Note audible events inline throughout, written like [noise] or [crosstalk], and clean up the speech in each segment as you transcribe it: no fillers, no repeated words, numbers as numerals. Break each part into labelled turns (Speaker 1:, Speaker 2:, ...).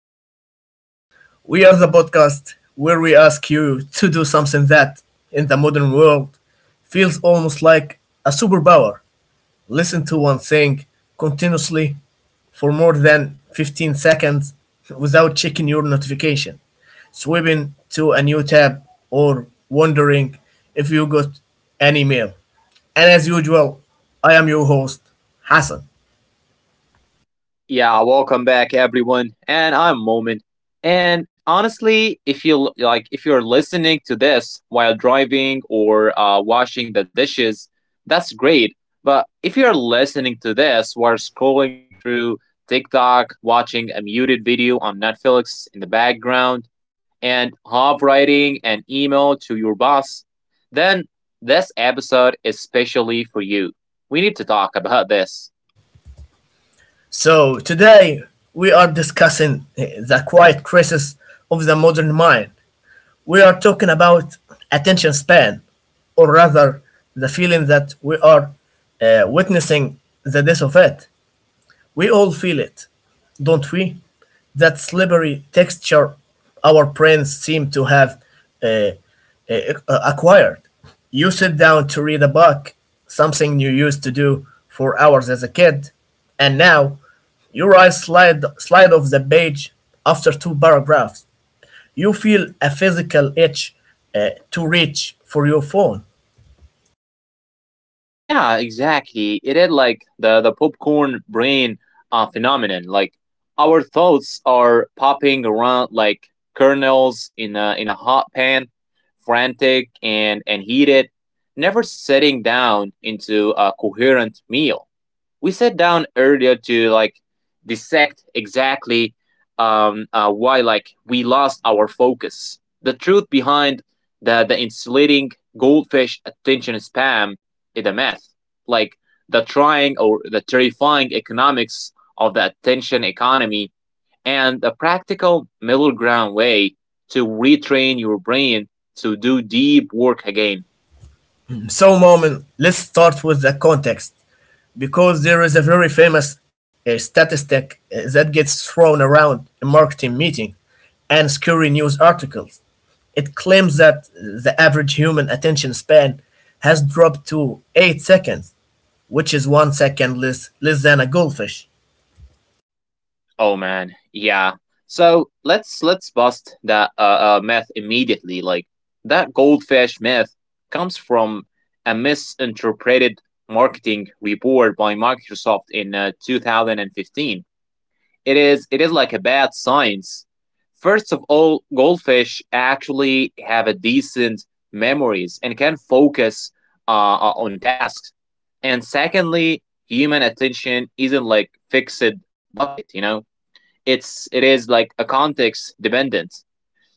Speaker 1: The Middle Ground. We are the podcast where we ask you to do something that, in the modern world, feels almost like a superpower. Listen to one thing continuously for more than 15 seconds without checking your notification, swimming to a new tab, or wondering if you got an email. And as usual, I am your host, Hassan.
Speaker 2: Yeah, welcome back everyone. And I'm Moment. And honestly, if you l- like if you're listening to this while driving or washing the dishes, that's great. But if you're listening to this while scrolling through TikTok, watching a muted video on Netflix in the background, and half writing an email to your boss, then this episode is specially for you. We need to talk about this.
Speaker 1: So, today we are discussing the quiet crisis of the modern mind. We are talking about attention span, or rather, the feeling that we are witnessing the death of it. We all feel it, don't we? That slippery texture our brains seem to have uh, acquired. You sit down to read a book, something you used to do for hours as a kid, and now your eyes slide off the page after two paragraphs. You feel a physical itch to reach for your phone.
Speaker 2: Yeah, exactly. It is like the popcorn brain phenomenon. Like our thoughts are popping around like kernels in a hot pan, frantic and heated, never setting down into a coherent meal. We sat down earlier to like dissect exactly, why like we lost our focus, the truth behind the insulating goldfish attention spam is a myth, like the trying or the terrifying economics of the attention economy, and the practical middle ground way to retrain your brain to do deep work again.
Speaker 1: So, Moment, let's start with the context, because there is a very famous statistic that gets thrown around in marketing meetings and scary news articles. It claims that the average human attention span has dropped to 8 seconds, which is 1 second less than a goldfish.
Speaker 2: Oh man, yeah. So let's bust that myth immediately. Like that goldfish myth comes from a misinterpreted marketing report by Microsoft in 2015. It is like a bad science. First of all, goldfish actually have a decent memories and can focus on tasks. And secondly, human attention isn't like fixed bucket, you know, it's it is like a context dependent.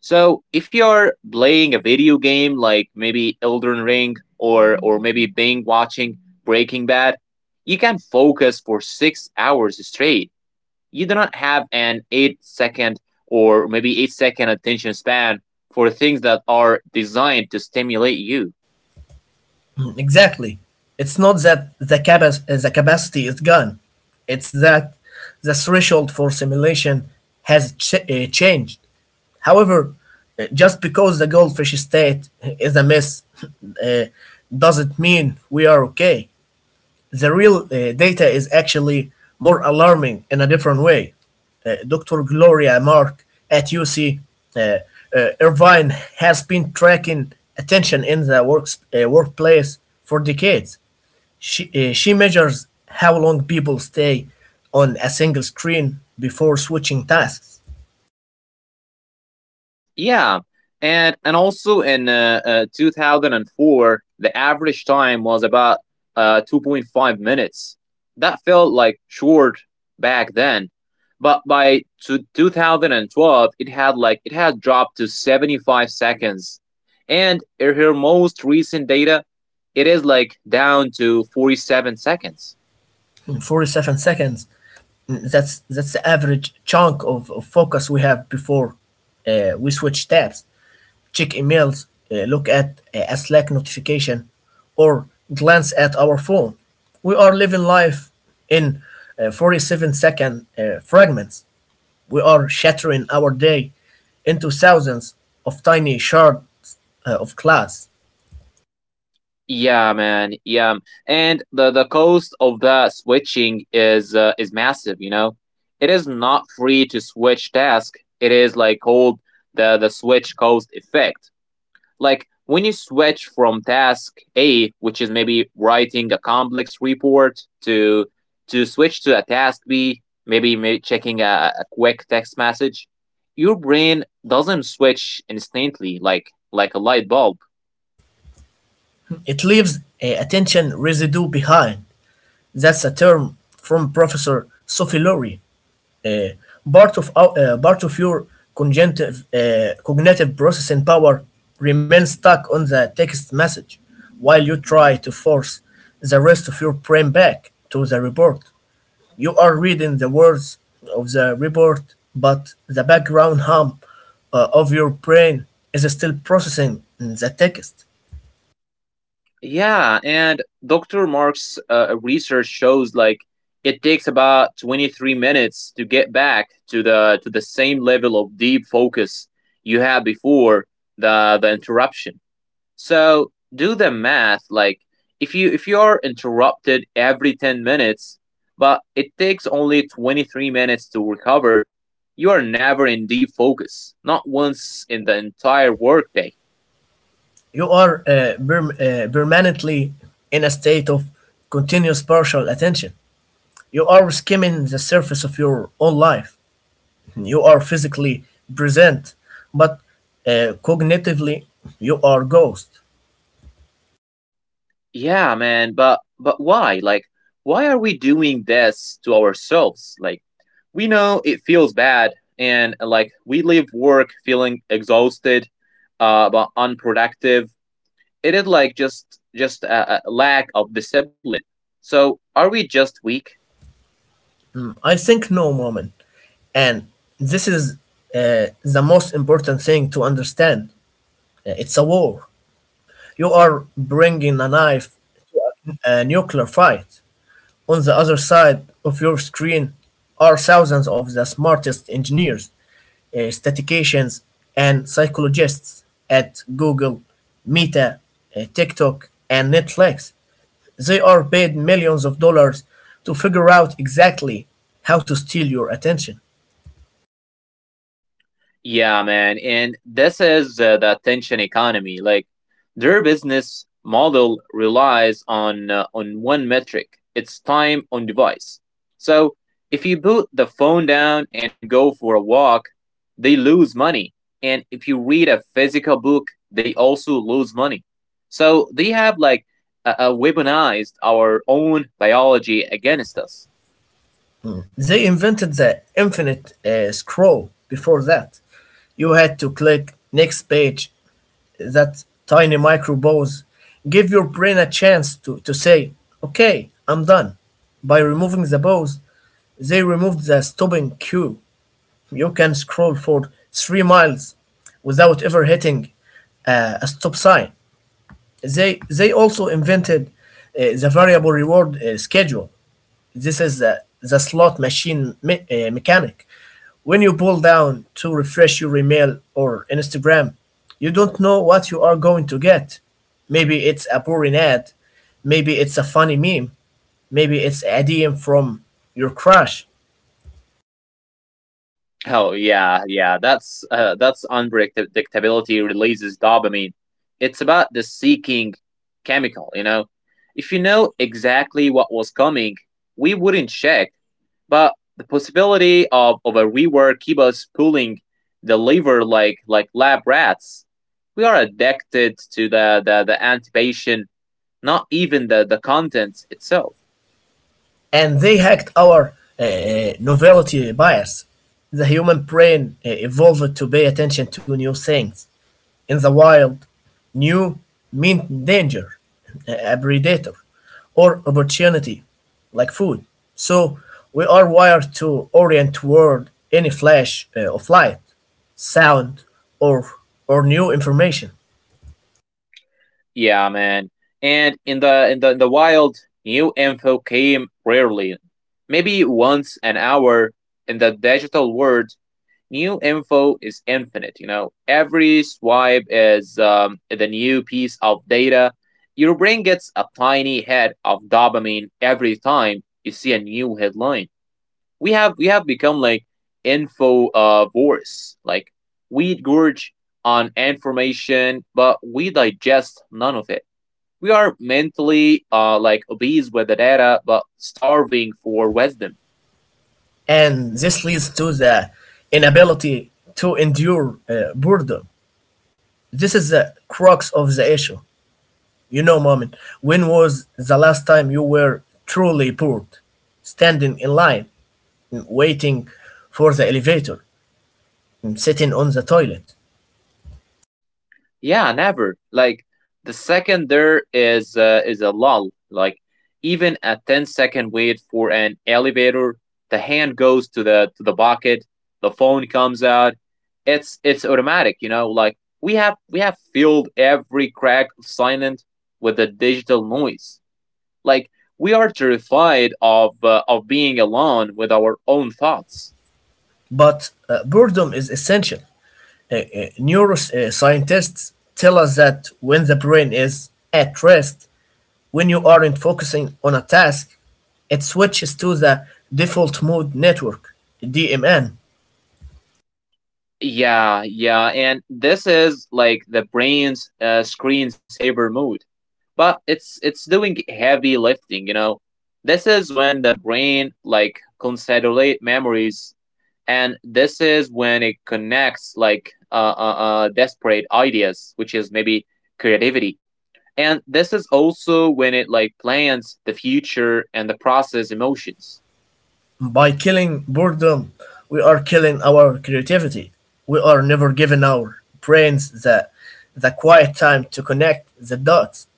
Speaker 2: So if you're playing a video game like maybe Elden Ring or maybe being watching Breaking Bad, you can focus for 6 hours straight. You do not have an 8 second or maybe 8 second attention span for things that are designed to stimulate you.
Speaker 1: [clears throat] Exactly. It's not that the, the capacity is gone, it's that the threshold for simulation has changed. However, just because the goldfish state is a mess uh, doesn't mean we are okay. The real data is actually more alarming in a different way. Dr. Gloria Mark at UC uh, uh, Irvine has been tracking attention in the workplace for decades. She measures how long people stay on a single screen before switching tasks.
Speaker 2: Yeah, and also in 2004, the average time was about 2.5 minutes. That felt like short back then, but by two two 2012, it had dropped to 75 seconds, and in her most recent data, it is like down to 47 seconds.
Speaker 1: In 47 seconds, that's the average chunk of focus we have before we switch tabs, check emails, look at a slack notification, or glance at our phone. We are living life in 47 second fragments. We are shattering our day into thousands of tiny shards of glass.
Speaker 2: Yeah, man. Yeah, and the cost of that switching is massive. You know, it is not free to switch task. It is like called the switch cost effect. Like when you switch from task A, which is maybe writing a complex report, to switch to a task B, maybe checking a quick text message, your brain doesn't switch instantly like a light bulb.
Speaker 1: It leaves attention residue behind. That's a term from professor Sophie Lowry. uh, part of Part of your cognitive cognitive processing power remains stuck on the text message while you try to force the rest of your brain back to the report. You are reading the words of the report, but the background hum of your brain is still processing the text.
Speaker 2: Yeah, and Dr. Mark's research shows like it takes about 23 minutes to get back to the same level of deep focus you had before the interruption. So do the math, like if you are interrupted every 10 minutes but it takes only 23 minutes to recover, you are never in deep focus, not once in the entire workday.
Speaker 1: You are permanently in a state of continuous partial attention. You are skimming the surface of your own life. You are physically present, but cognitively, you are ghost.
Speaker 2: Yeah, man, but why? Like, why are we doing this to ourselves? Like, we know it feels bad, and like we leave work feeling exhausted, but unproductive. It is like just a lack of discipline. So, are we just weak?
Speaker 1: Mm, I think no, Moment. And this is the most important thing to understand. It's a war. You are bringing a knife to a nuclear fight. On the other side of your screen are thousands of the smartest engineers, statisticians, and psychologists at Google, Meta, TikTok, and Netflix. They are paid millions of dollars to figure out exactly how to steal your attention.
Speaker 2: Yeah, man. And this is the attention economy. Like their business model relies on one metric. It's time on device. So if you put the phone down and go for a walk, they lose money. And if you read a physical book, they also lose money. So they have like weaponized our own biology against us.
Speaker 1: They invented the infinite scroll. Before that, you had to click next page. That tiny micro-pause give your brain a chance to say, okay, I'm done. By removing the pause, they removed the stopping cue. You can scroll for 3 miles without ever hitting a stop sign. They also invented the variable reward schedule. This is the slot machine mechanic. When you pull down to refresh your email or Instagram, you don't know what you are going to get. Maybe it's a boring ad, maybe it's a funny meme, maybe it's a DM from your crush.
Speaker 2: Oh yeah, yeah. That's unpredictability releases dopamine. It's about the seeking chemical, you know. If you know exactly what was coming, we wouldn't check. But the possibility of a rework keep us pulling the lever like lab rats. We are addicted to the anticipation, not even the content itself.
Speaker 1: And they hacked our novelty bias. The human brain evolved to pay attention to new things. In the wild, new meant danger, a predator, or opportunity, like food. So we are wired to orient toward any flash of light, sound, or or new information,
Speaker 2: Yeah, man. And in the wild, new info came rarely. Maybe once an hour. In the digital world, new info is infinite, you know. Every swipe is the new piece of data. Your brain gets a tiny head of dopamine every time you see a new headline. We have become like info voice. Like we gorge on information, but we digest none of it. We are mentally like obese with the data, but starving for wisdom.
Speaker 1: and this leads to the inability to endure boredom. This is the crux of the issue. You know, Mamin, when was the last time you were truly bored? Standing in line, mm, waiting for the elevator, mm, sitting on the toilet.
Speaker 2: Yeah, never. Like the second there is a lull. Like even a 10 second wait for an elevator, the hand goes to the pocket, the phone comes out. It's automatic, you know. Like we have filled every crack of silence with the digital noise. Like we are terrified of being alone with our own thoughts.
Speaker 1: But boredom is essential. Neuroscientists tell us that when the brain is at rest, when you aren't focusing on a task, it switches to the default mode network, DMN.
Speaker 2: Yeah, yeah, and this is like the brain's screensaver mode, but it's doing heavy lifting, you know. This is when the brain like consolidate memories, and this is when it connects like desperate ideas, which is maybe creativity, and this is also when it like plans the future and the process emotions.
Speaker 1: By killing boredom, we are killing our creativity. We are never giving our brains the quiet time to connect the dots.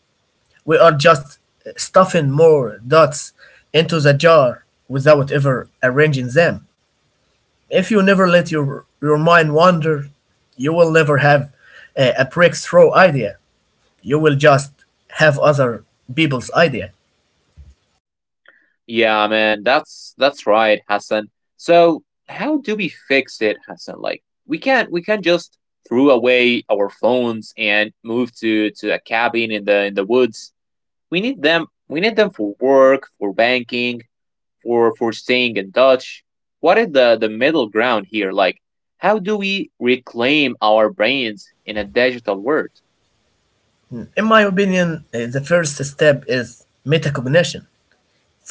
Speaker 1: We are just stuffing more dots into the jar without ever arranging them. If you never let your mind wander, you will never have a breakthrough idea. You will just have other people's idea.
Speaker 2: Yeah, man, that's right, Hassan. So how do we fix it, Hassan? Like we can't just throw away our phones and move to a cabin in the woods. We need them for work, for banking, for staying in touch. What is the middle ground here? Like how do we reclaim our brains in a digital world?
Speaker 1: In my opinion, eh, the first step is metacognition.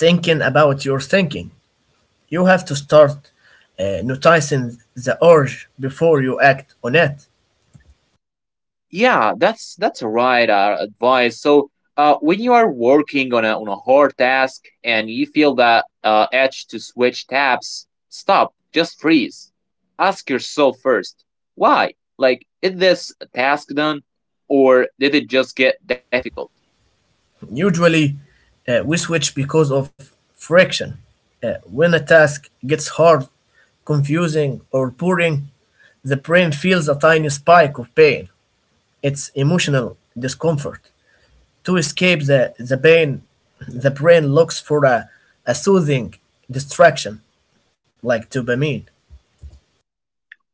Speaker 1: Thinking about your thinking. You have to start noticing the urge before you act on it.
Speaker 2: Yeah, that's right advice. So, when you are working on a hard task and you feel that edge to switch tabs, stop. Just freeze. Ask yourself first, why? Like, is this task done, or did it just get difficult?
Speaker 1: Usually, we switch because of friction. When a task gets hard, confusing, or boring, the brain feels a tiny spike of pain. It's emotional discomfort. To escape the pain, the brain looks for a soothing distraction like dopamine.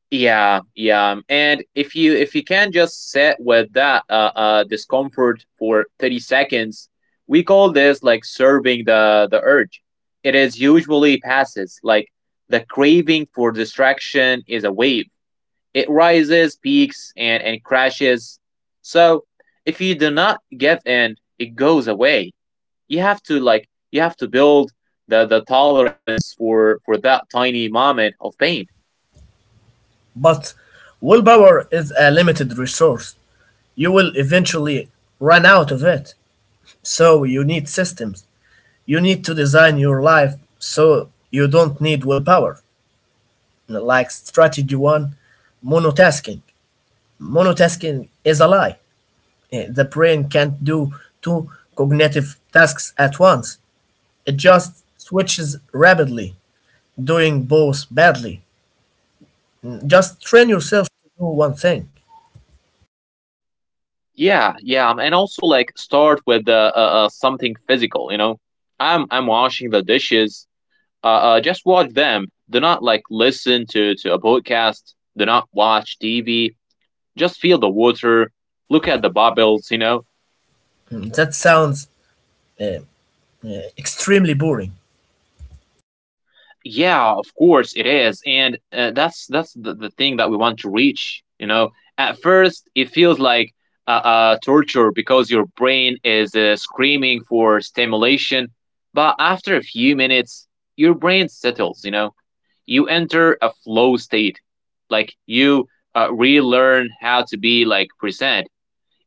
Speaker 2: Yeah, yeah. And if you can just sit with that discomfort for 30 seconds, we call this like serving the urge. It is usually passes, like the craving for distraction is a wave. It rises, peaks and crashes. So, if you do not give in, it goes away. You have to like you have to build the tolerance for that tiny moment of pain.
Speaker 1: But willpower is a limited resource. You will eventually run out of it. So you need systems. You need to design your life so you don't need willpower. Like strategy one, monotasking. Monotasking is a lie. Eh, the brain can't do two cognitive tasks at once. It just switches rapidly, doing both badly. Just train yourself to do one thing.
Speaker 2: Yeah, yeah, and also like start with something physical. You know, I'm washing the dishes, just watch them. Do not like listen to a podcast. Do not watch TV. Just feel the water. Look at the bubbles. You know.
Speaker 1: Hmm, that sounds eh, uh, extremely boring.
Speaker 2: Yeah, of course it is, and that's the thing that we want to reach. You know, at first it feels like torture because your brain is screaming for stimulation, but after a few minutes, your brain settles. You know, you enter a flow state like you relearn how to be like present.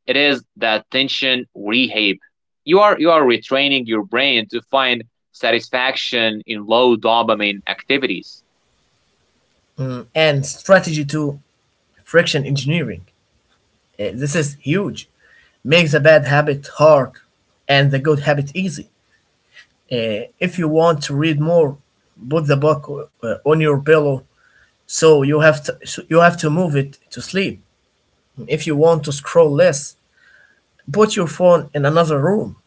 Speaker 2: It is that tension rehab. You are retraining your brain to find satisfaction in low dopamine activities.
Speaker 1: Mm, and strategy to friction engineering. This is huge. Makes the bad habit hard and the good habit easy. If you want to read more, put the book on your pillow, so you have to move it to sleep. If you want to scroll less, put your phone in another room.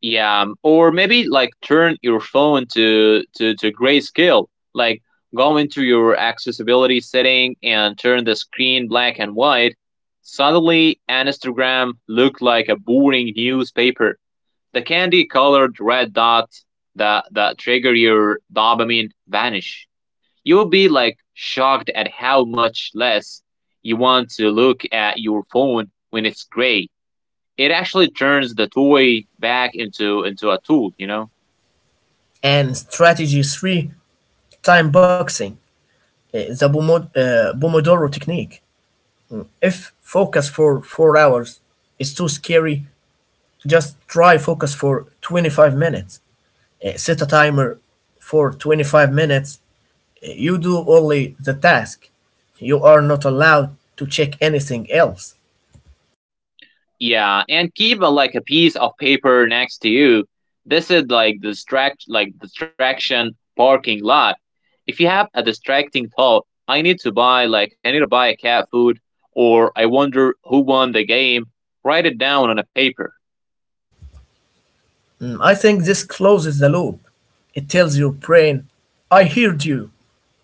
Speaker 2: Yeah, or maybe like turn your phone to grayscale. Like go into your accessibility setting and turn the screen black and white. Suddenly Instagram looked like a boring newspaper. The candy colored red dots that trigger your dopamine vanish. You will be like shocked at how much less you want to look at your phone when it's gray. It actually turns the toy back into a tool, you know?
Speaker 1: And strategy three: time boxing, the Pomo- Pomodoro technique. If focus for 4 hours is too scary, just try focus for 25 minutes. Set a timer for 25 minutes. You do only the task. You are not allowed to check anything else.
Speaker 2: Yeah, and keep a, like a piece of paper next to you. This is like distraction parking lot. If you have a distracting thought, I need to buy a cat food or I wonder who won the game, write it down on a paper.
Speaker 1: Mm, I think this closes the loop. It tells your brain, I heard you.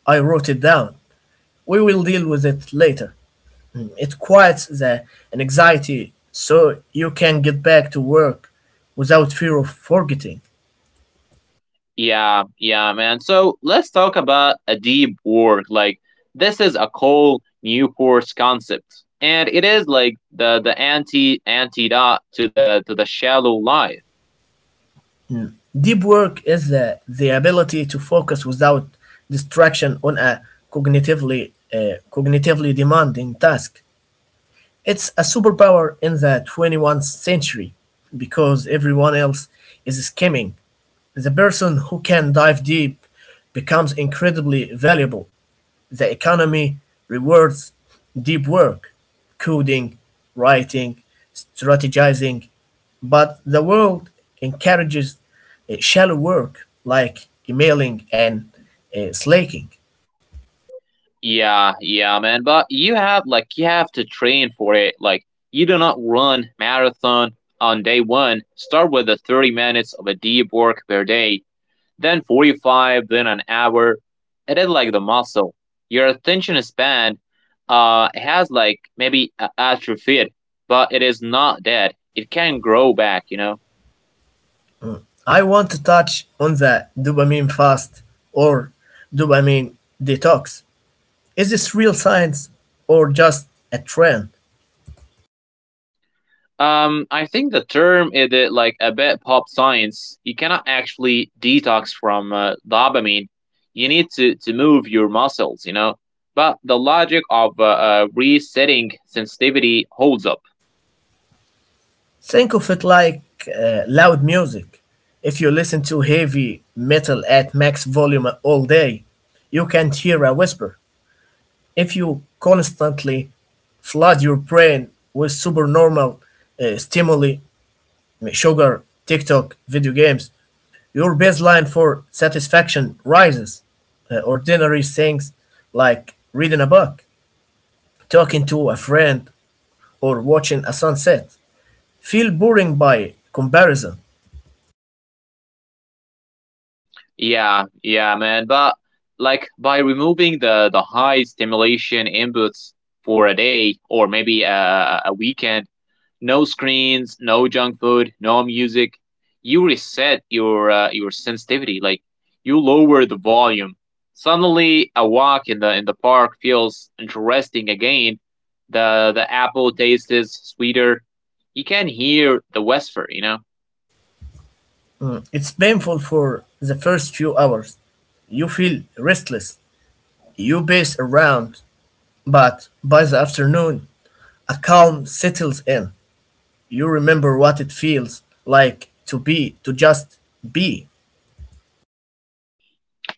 Speaker 1: I wrote it down. We will deal with it later. Mm, it quiets the anxiety so you can get back to work without fear of forgetting.
Speaker 2: Yeah, yeah, man. So let's talk about a deep work. Like this is a Cole Newport's concept. And it is like the antidote to the shallow life.
Speaker 1: Deep work is the ability to focus without distraction on a cognitively demanding task. It's a superpower in the 21st century because everyone else is skimming. The person who can dive deep becomes incredibly valuable. The economy rewards deep work, coding, writing, strategizing, but the world encourages shallow work, like emailing and slacking.
Speaker 2: Yeah, yeah, man. But you have like you have to train for it. Like you do not run marathon on day one. Start with the 30 minutes of a deep work per day, then 45, then an hour. It is like the muscle. Your attention span has like maybe atrophied, but it is not dead. It can grow back, you know.
Speaker 1: I want to touch on the dopamine fast or dopamine detox. Is this real science or just a trend?
Speaker 2: I think the term is that, like a bit pop science. You cannot actually detox from dopamine. You need to move your muscles, you know. But the logic of resetting sensitivity holds up.
Speaker 1: Think of it like loud music. If you listen to heavy metal at max volume all day, you can't hear a whisper. If you constantly flood your brain with supernormal stimuli, sugar, TikTok, video games, your baseline for satisfaction rises. Ordinary things, like reading a book, talking to a friend, or watching a sunset, feel boring by comparison.
Speaker 2: Yeah, yeah, man. But like by removing the high stimulation inputs for a day or maybe a weekend, no screens, no junk food, no music. You reset your sensitivity. Like you lower the volume. Suddenly, a walk in the park feels interesting again. The apple tastes sweeter. You can hear the whisper, you know.
Speaker 1: Mm, it's painful for the first few hours. You feel restless, you pace around, but by the afternoon, a calm settles in. You remember what it feels like to be, to just be.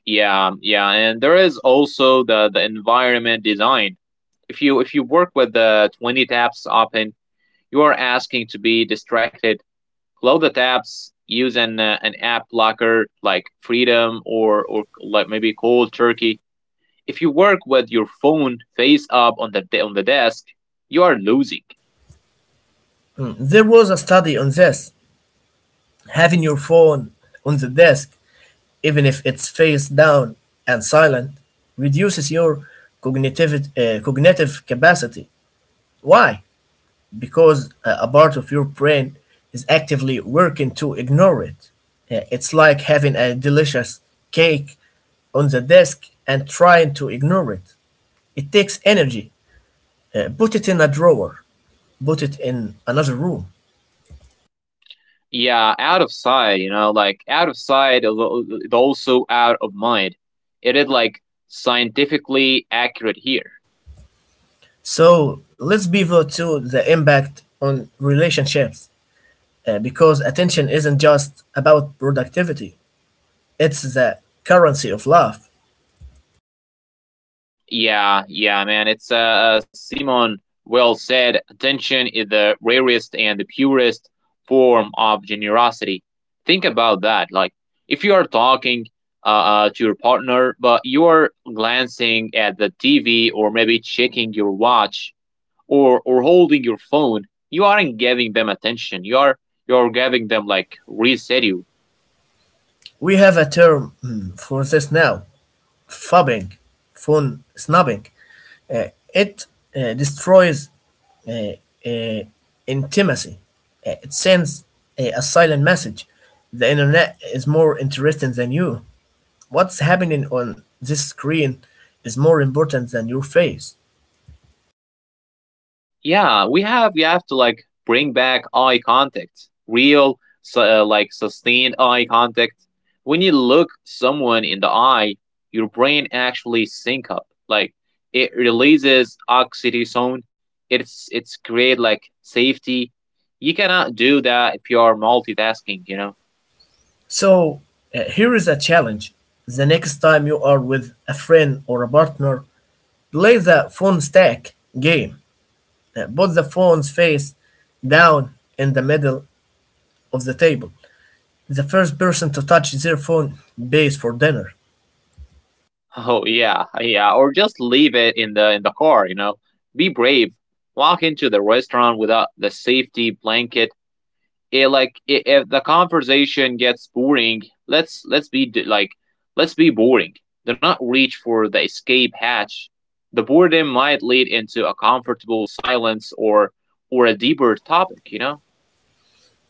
Speaker 2: Yeah, yeah, and there is also the environment design. If you work with the 20 tabs open, you are asking to be distracted. Load the tabs, use an app blocker like Freedom or like maybe Cold Turkey. If you work with your phone face up on the desk, you are losing.
Speaker 1: Mm, there was a study on this. Having your phone on the desk, even if it's face down and silent, reduces your cognitive capacity. Why? Because a part of your brain is actively working to ignore it. Yeah, it's like having a delicious cake on the desk and trying to ignore it. It takes energy. Put it in a drawer, put it in another room.
Speaker 2: Yeah, out of sight, you know, like out of sight also out of mind. It is like scientifically accurate here.
Speaker 1: So let's pivot to the impact on relationships, because attention isn't just about productivity, it's the currency of love.
Speaker 2: Yeah, yeah, man. It's Simon, well said. Attention is the rarest and the purest form of generosity. Think about that. Like if you are talking to your partner, but you are glancing at the TV or maybe checking your watch or holding your phone, you aren't giving them attention. You are you're giving them like residue.
Speaker 1: We have a term mm, for this now, phubbing, phone snubbing. It destroys uh, uh, intimacy. It sends a silent message. The internet is more interesting than you. What's happening on this screen is more important than your face.
Speaker 2: Yeah, we have to like bring back eye contact, real like sustained eye contact. When you look someone in the eye, your brain actually sync up, like it releases oxytocin. It's create like safety. You cannot do that if you are multitasking, you know.
Speaker 1: So, here is a challenge. The next time you are with a friend or a partner, play the phone stack game. Put the phone's face down in the middle of the table. The first person to touch their phone pays for dinner.
Speaker 2: [laughs] Oh yeah, yeah, or just leave it in the car, you know. Be brave. Walk into the restaurant without the safety blanket. It, like I if the conversation gets boring, let's be like, let's be boring. Do not reach for the escape hatch. The boredom might lead into a comfortable silence or a deeper topic, you know.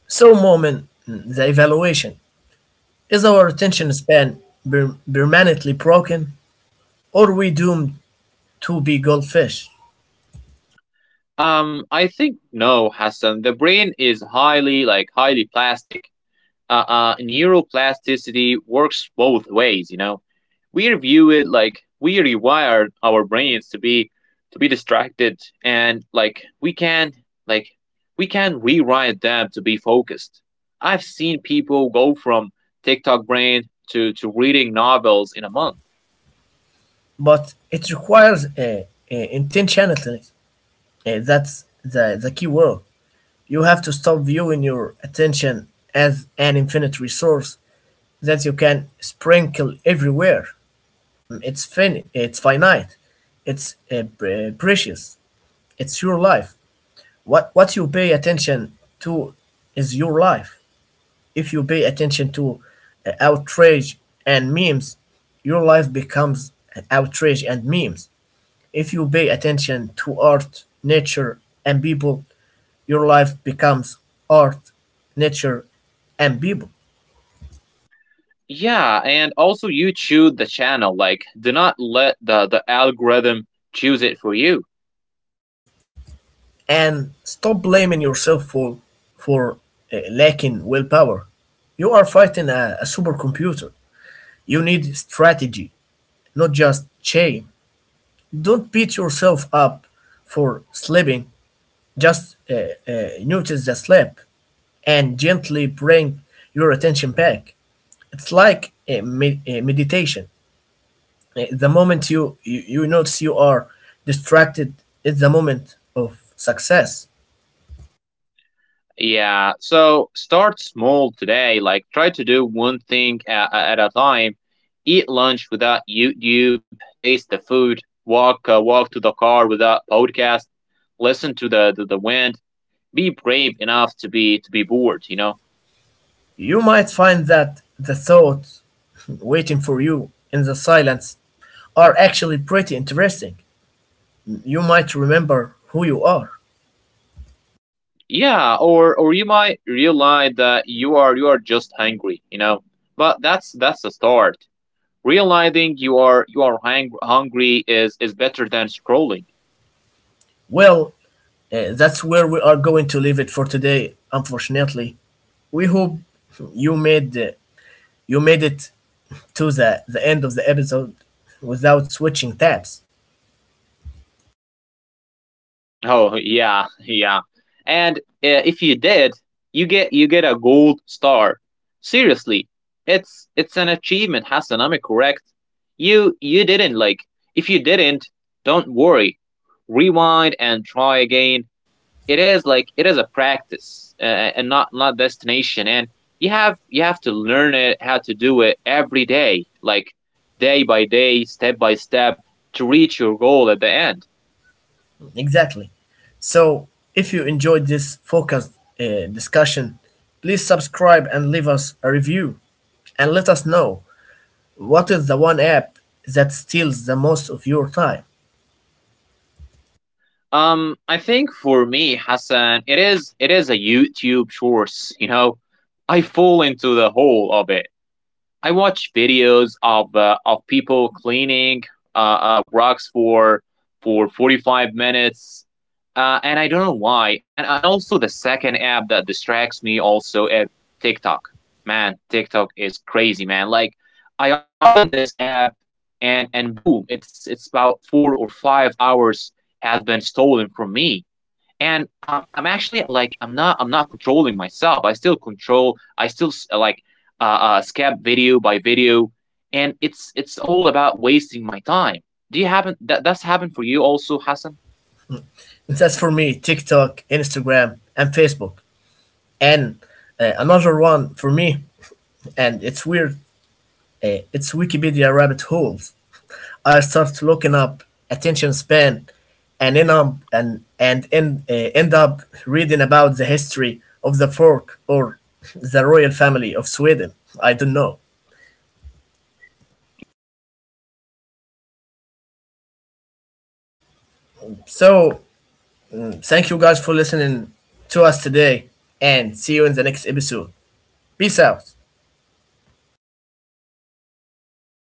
Speaker 1: So, Moment, the evaluation is our attention span permanently broken, or we doomed to be goldfish?
Speaker 2: I think no, Hassan. The brain is highly, like highly plastic. Neuroplasticity works both ways. You know, we view it like we rewired our brains to be distracted, and like we can, like we can rewrite them to be focused. I've seen people go from TikTok brain to reading novels in a month.
Speaker 1: But it requires a intentionality. Eh, that's the key word. You have to stop viewing your attention as an infinite resource that you can sprinkle everywhere. Mm, It's finite. It's precious. It's your life. What you pay attention to is your life. If you pay attention to outrage and memes, your life becomes outrage and memes. If you pay attention to art, nature, and people, your life becomes art, nature, and people.
Speaker 2: Yeah, and also you choose the channel. Like, do not let the algorithm choose it for you.
Speaker 1: And stop blaming yourself for lacking willpower. You are fighting a supercomputer. You need strategy, not just shame. Don't beat yourself up for sleeping. Just notice the sleep and gently bring your attention back. It's like a, a meditation. The moment you notice you are distracted is the moment of success.
Speaker 2: Yeah, so start small today. Like try to do one thing at a time. Eat lunch without YouTube. Taste the food. Walk walk to the car without podcast. Listen to the wind. Be brave enough to be bored, you know.
Speaker 1: You might find that the thoughts [laughs] waiting for you in the silence are actually pretty interesting. You might remember who you are.
Speaker 2: Yeah, or you might realize that you are just hungry, you know. But that's a start. Realizing you are hungry is better than scrolling.
Speaker 1: Well, that's where we are going to leave it for today, unfortunately. We hope you made uh, you made it to the end of the episode without switching tabs.
Speaker 2: Oh yeah, yeah. And if you did, you get a gold star. Seriously, it's an achievement, Hassan. Am I correct? You didn't like. If you didn't, don't worry. Rewind and try again. It is like it is a practice, and not destination. And you have to learn it, how to do it every day, like day by day, step by step, to reach your goal at the end.
Speaker 1: Exactly. So, if you enjoyed this focused discussion, please subscribe and leave us a review, and let us know what is the one app that steals the most of your time.
Speaker 2: I think for me, Hassan, it is a YouTube source, you know. I fall into the hole of it. I watch videos of people cleaning rocks for 45 minutes, and I don't know why. And also the second app that distracts me also is TikTok. Man, TikTok is crazy, man. Like I open this app, and boom, it's about 4 or 5 hours has been stolen from me. And I'm actually like, I'm not controlling myself. I still control. I still s- like Scab video by video, and it's all about wasting my time. Do you happen that that's happened for you also, Hassan?
Speaker 1: That's for me TikTok, Instagram, and Facebook. And another one for me, and it's weird. It's Wikipedia rabbit holes. I start looking up attention span, and end up and end, end up reading about the history of the fork or the royal family of Sweden. I don't know.
Speaker 2: Yeah, [laughs] yeah. So you actually like a nerd
Speaker 1: So
Speaker 2: people. Like you
Speaker 1: thank
Speaker 2: love
Speaker 1: you guys for
Speaker 2: the
Speaker 1: listening
Speaker 2: Wikipedia.
Speaker 1: to us
Speaker 2: But you
Speaker 1: today,
Speaker 2: know,
Speaker 1: and see you in the next
Speaker 2: knowledge is
Speaker 1: episode.
Speaker 2: power,
Speaker 1: Peace
Speaker 2: Hassan.
Speaker 1: out.
Speaker 2: But focus is maybe the superpower.